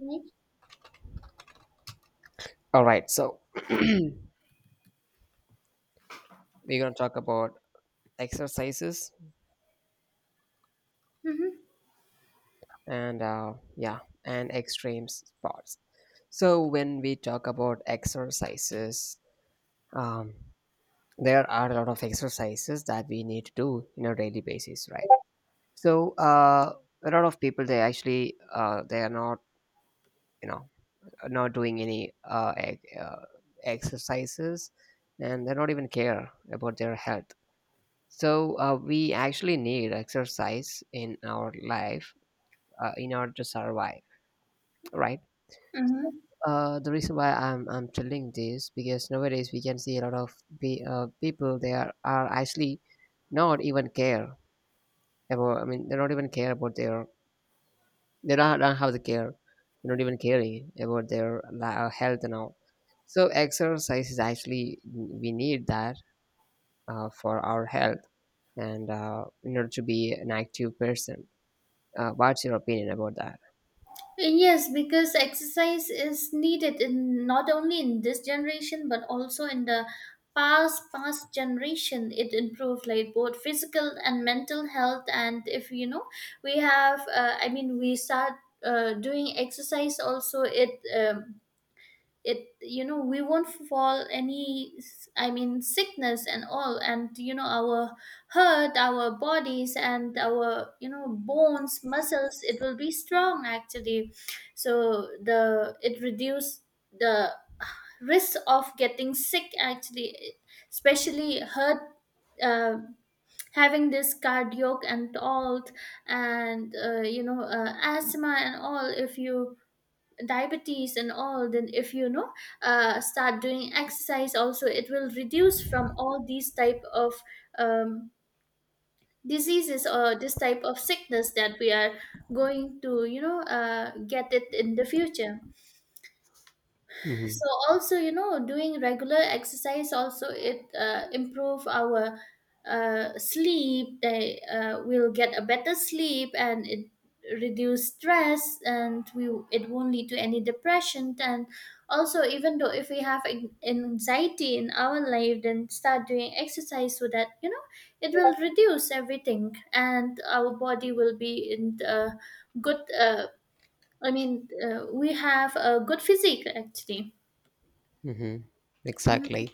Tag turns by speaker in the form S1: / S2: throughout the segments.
S1: Right.
S2: All right, so we're gonna talk about exercises
S1: Mm-hmm.
S2: and yeah, and extreme sports. So when we talk about exercises, um, there are a lot of exercises that we need to do in a daily basis, right? So a lot of people they actually they are not you know not doing any exercises, and they don't even care about their health. So we actually need exercise in our life in order to survive, right?
S1: Mm-hmm.
S2: The reason why I'm telling this because nowadays we can see a lot of people they are actually not even care about. I mean, they don't even care about their they don't have the care. They're not even caring about their health and all. So exercise is actually we need that for our health and in order to be an active person. What's your opinion about that?
S1: Yes, because exercise is needed in not only in this generation but also in the past generation. It improved like both physical and mental health. And if you know, we have. I mean, we start doing exercise. Also, it. It, we won't fall any I mean sickness and all, and our hurt our bodies, and our bones muscles, it will be strong actually. So the it reduce the risk of getting sick actually, especially hurt, uh, having this cardiac and all, and asthma and all, if you diabetes and all, then if you know, start doing exercise also, it will reduce from all these type of um, diseases, or this type of sickness that we are going to, get it in the future.
S2: Mm-hmm.
S1: So also, doing regular exercise, also it improve our sleep, they will get a better sleep, and it reduce stress, and we it won't lead to any depression. And also, even though if we have anxiety in our life, then start doing exercise so that, it will reduce everything, and our body will be in a good, I mean, we have a good physique actually.
S2: Mm-hmm.
S1: Mm.
S2: Exactly.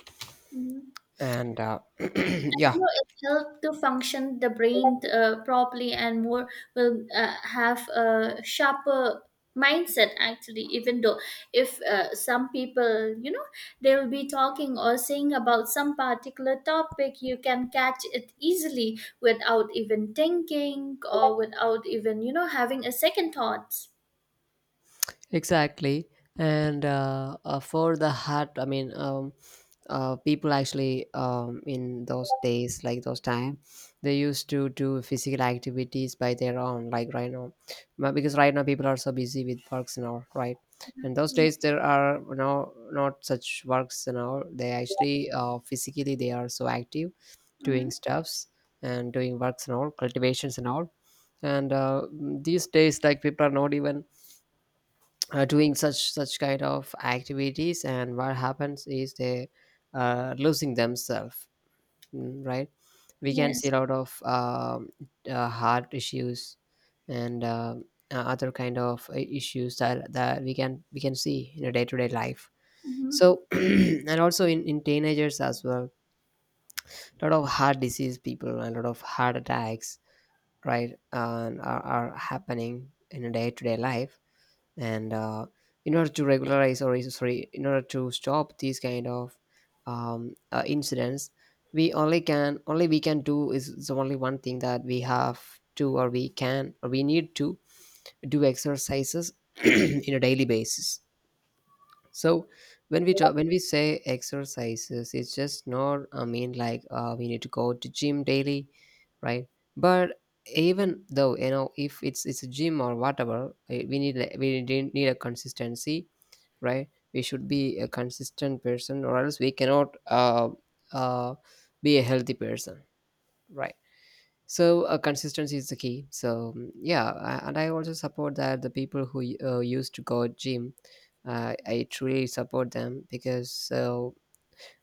S1: Mhm.
S2: And Yeah.
S1: You know, it helps to function the brain properly, and more will have a sharper mindset actually, even though if some people, they will be talking or saying about some particular topic, you can catch it easily without even thinking, or without even having a second thoughts.
S2: Exactly. And for the hat, I mean, people actually in those days, like those time, they used to do physical activities by their own, like right now. Because right now people are so busy with works and all, right?
S1: Mhm.
S2: And those
S1: Yeah.
S2: days there are no not such works and all. They actually physically they are so active, doing
S1: Mhm.
S2: stuffs and doing works and all, cultivations and all. And these days, like people are not even doing such kind of activities and what happens is they are losing themselves, right. We can see
S1: Yes.
S2: a lot of heart issues and other kind of issues that we can see in a day-to-day life.
S1: Hmm.
S2: So and also in teenagers as well, a lot of heart disease people and a lot of heart attacks, right, and are happening in a day-to-day life. And in order to regularize or sorry, in order to stop these kind of incidents, we only can only we can do is only one thing that we have to or we can or we need to do exercises in a daily basis. So when we talk, when we say exercises, it's just not. I mean, like we need to go to gym daily, right? But even though if it's a gym or whatever, we need a consistency, right? We should be a consistent person, or else we cannot uh, be a healthy person, right? So consistency is the key. So yeah, and I also support that the people who used to go gym, I truly support them because so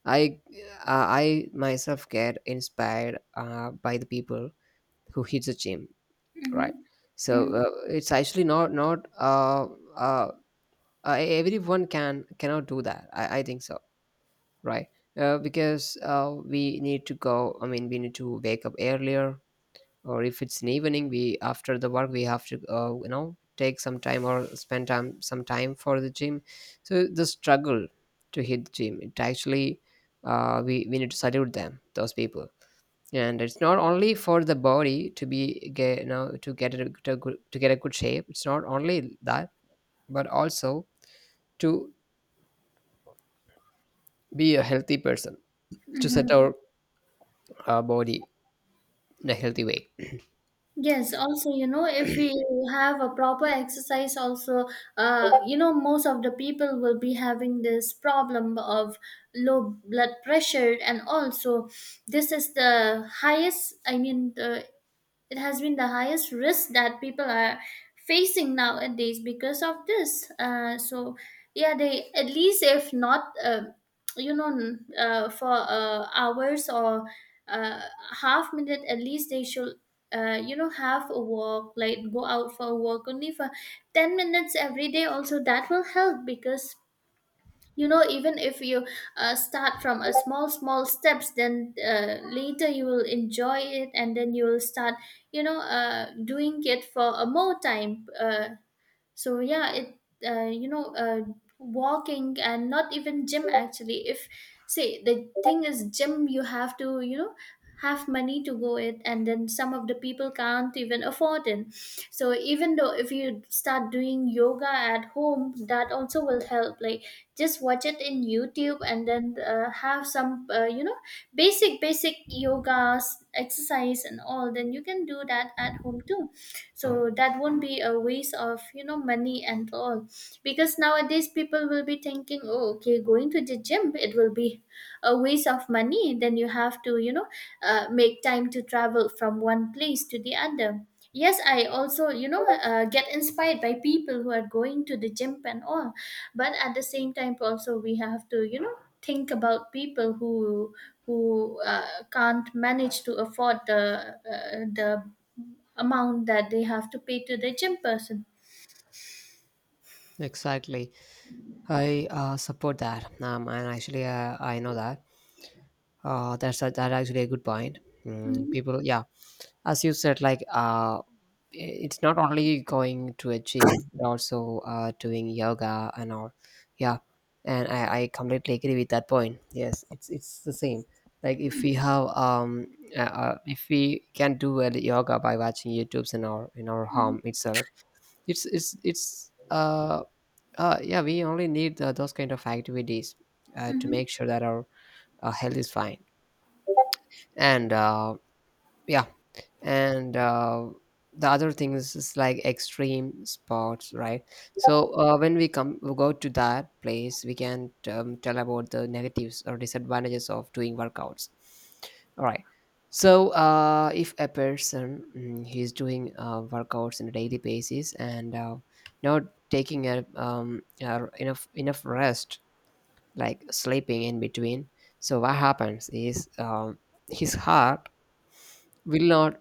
S2: I I myself get inspired by the people who hit the gym,
S1: Hmm.
S2: right? So
S1: Hmm.
S2: it's actually not uh, everyone can cannot do that. I think so, right? Because we need to go. I mean, we need to wake up earlier, or if it's an evening we after the work we have to take some time or spend time some time for the gym. So the struggle to hit the gym, it actually we need to salute them those people. And it's not only for the body to be get to get to get a good shape. It's not only that, but also to be a healthy person, to set
S1: Hmm.
S2: our body in a healthy way.
S1: Yes, also, you know, if we have a proper exercise, also, most of the people will be having this problem of low blood pressure. And also, this is the highest, I mean, the it has been the highest risk that people are facing nowadays because of this. So yeah, they at least, if not, for hours, or uh, half minute, at least they should. Have a walk, like go out for a walk only for 10 minutes every day. Also, that will help, because even if you start from a small steps, then later you will enjoy it, and then you will start, doing it for a more time. So yeah, it, uh, you know uh, walking, and not even gym actually. If, say, the thing is gym, you have to, have money to go it, and then some of the people can't even afford it. So even though if you start doing yoga at home, that also will help, like, just watch it in YouTube, and then have some, basic yogas exercise and all, then you can do that at home too. So that won't be a waste of, money and all, because nowadays people will be thinking, oh, okay, going to the gym, it will be a waste of money, then you have to, make time to travel from one place to the other. Yes, I also, get inspired by people who are going to the gym and all, but at the same time, also we have to, think about people who can't manage to afford the, the amount that they have to pay to the gym person.
S2: Exactly. I support that, and actually, I know that. That's a, that actually a good point.
S1: Hmm.
S2: People, yeah, as you said, like it's not only going to a gym, but also doing yoga and all. Yeah, and I completely agree with that point. Yes, it's the same. Like if we have if we can do a yoga by watching YouTube's in our
S1: Hmm.
S2: home itself, it's yeah, we only need those kind of activities to
S1: Hmm.
S2: make sure that our health is fine. And yeah, and the other things is, like extreme sports, right? So when we come, we go to that place, we can tell about the negatives or disadvantages of doing workouts. All right. So if a person he's doing workouts on a daily basis and not taking a- r- enough enough rest, like sleeping in between. So what happens is his heart will not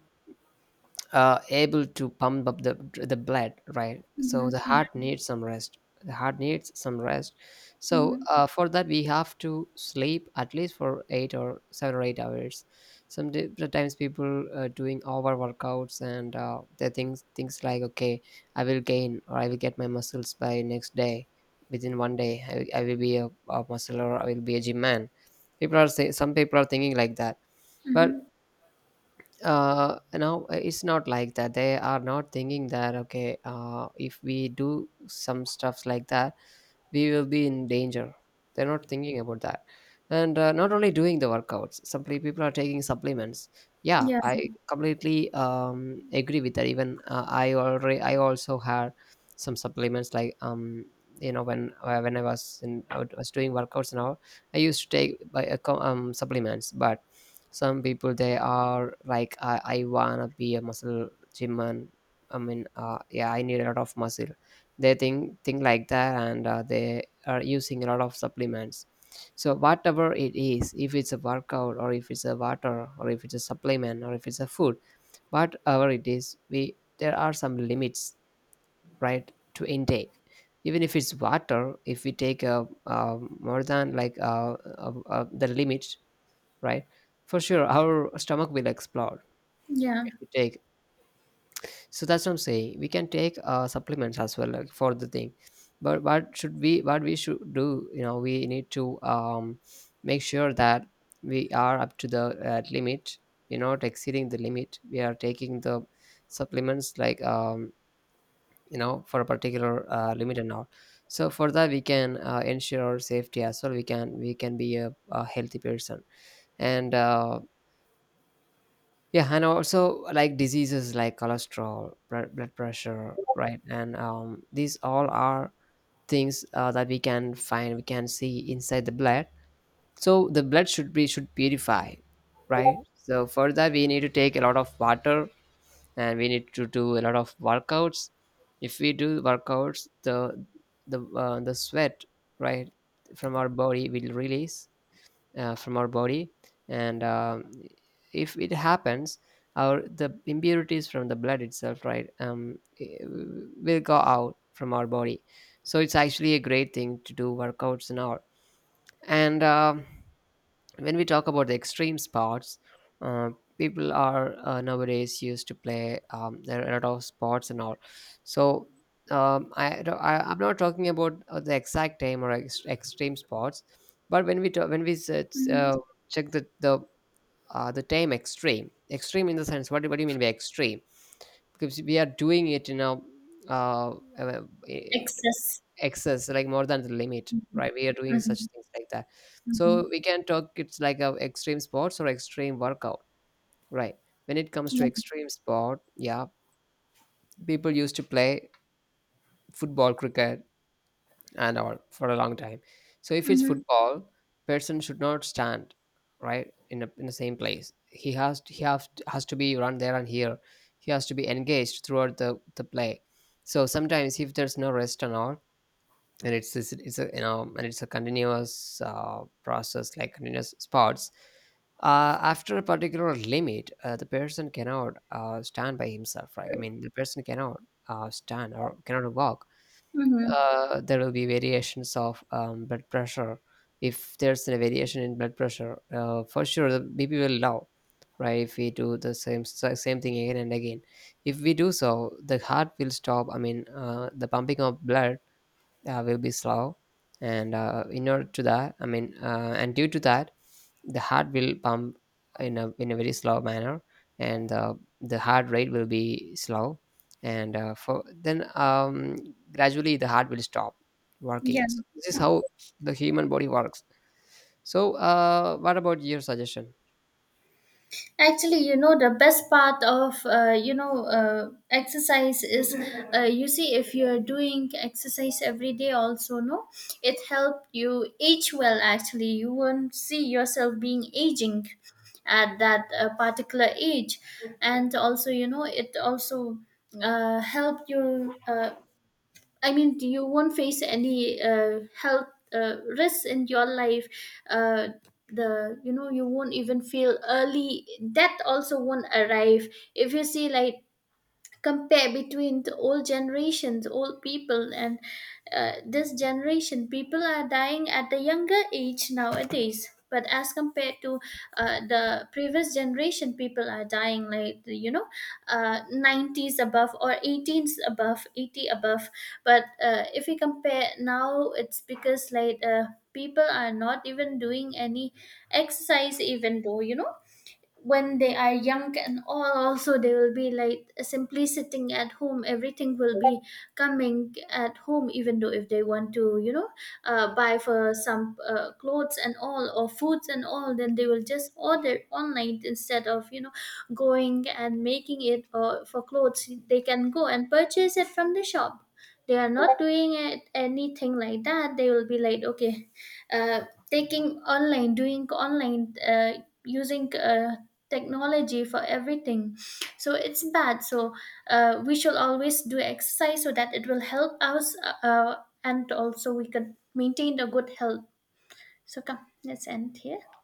S2: able to pump up the blood, right? So the heart
S1: Hmm.
S2: needs some rest, the heart needs some rest. So
S1: Hmm.
S2: for that we have to sleep at least for 8 or 7 or 8 hours. Sometimes people doing over workouts and they think things like, okay, I will gain or I will get my muscles by next day, within one day I will be a muscle, or I will be a gym man. People are say some people are thinking like that. But
S1: Hmm.
S2: no, it's not like that. They are not thinking that, okay, if we do some stuffs like that we will be in danger. They're not thinking about that. And not only doing the workouts, simply people are taking supplements. Yeah,
S1: Yeah.
S2: I completely agree with that. Even I already, I also had some supplements like you know when I was in I was doing workouts and all, I used to take by supplements. But some people they are like I wanna be a muscle gym and I mean yeah I need a lot of muscle. They think like that, and they are using a lot of supplements. So whatever it is, if it's a workout or if it's a water or if it's a supplement or if it's a food, whatever it is, we there are some limits, right, to intake. Even if it's water, if we take more than like the limit, right, for sure our stomach will explode
S1: Yeah.
S2: if we take. So that's what I'm saying, we can take supplements as well, like, for the thing. But what should we what we should do, we need to make sure that we are up to the limit. We're not exceeding the limit, we are taking the supplements like for a particular limit and all. So for that we can ensure our safety as well, we can be a healthy person. And yeah, and also like diseases like cholesterol, blood pressure, right? And these all are things that we can find, we can see inside the blood. So the blood should be should purify, right? So for that we need to take a lot of water and we need to do a lot of workouts. If we do workouts, the sweat, right, from our body will release from our body. And if it happens our the impurities from the blood itself, right, will go out from our body. So it's actually a great thing to do workouts and all. And when we talk about the extreme sports, uh, people are nowadays used to play there are a lot of sports and all. So I am not talking about the exact time or extreme sports, but when we talk, when we it's,
S1: Hmm.
S2: check the time extreme in the sense, what what do you mean by extreme? Because we are doing it in a uh, uh,
S1: Excess.
S2: excess, like more than the limit, right, we are doing such
S1: Mhm.
S2: things like that. So
S1: Mhm.
S2: we can talk, it's like a extreme sports or extreme workout, right? When it comes to
S1: Yeah.
S2: extreme sport, yeah, people used to play football cricket and all for a long time. So if it's
S1: Mhm.
S2: football, person should not stand, right, in, a, in the same place, he has to, he have, has to be run there and here, he has to be engaged throughout the play. So sometimes if there's no rest and all, and it's a and it's a continuous process like continuous sports. After a particular limit the person cannot stand by himself, right, I mean the person cannot stand or cannot walk.
S1: Mhm.
S2: There will be variations of blood pressure. If there's a variation in blood pressure, for sure the baby will low, right? If we do the same thing again and again, if we do so the heart will stop, I mean the pumping of blood will be slow. And in order to that, I mean and due to that the heart will pump in a very slow manner. And the heart rate will be slow, and for then gradually the heart will stop working.
S1: Yeah.
S2: So this is how the human body works. So what about your suggestion?
S1: Actually, you know, the best part of, exercise is, you see, if you're doing exercise every day also, no, it helped you age well, actually. You won't see yourself being aging at that particular age. And also, you know, it also help you, I mean, you won't face any health risks in your life. Uh, the you know you won't even feel early death also won't arrive. If you see, like, compare between the old generations, old people, and this generation people are dying at the younger age nowadays. But as compared to the previous generation, people are dying like, 90s above, or 18s above, 80 above. But if we compare now, it's because, like, people are not even doing any exercise. Even though, when they are young and all also, they will be like simply sitting at home, everything will be coming at home. Even though if they want to, buy for some clothes and all, or foods and all, then they will just order online, instead of, going and making it, or for clothes they can go and purchase it from the shop. They are not doing it anything like that. They will be like, okay, uh, taking online, doing online, using technology for everything. So it's bad. So we should always do exercise, so that it will help us, uh, and also we can maintain a good health. So come, let's end here.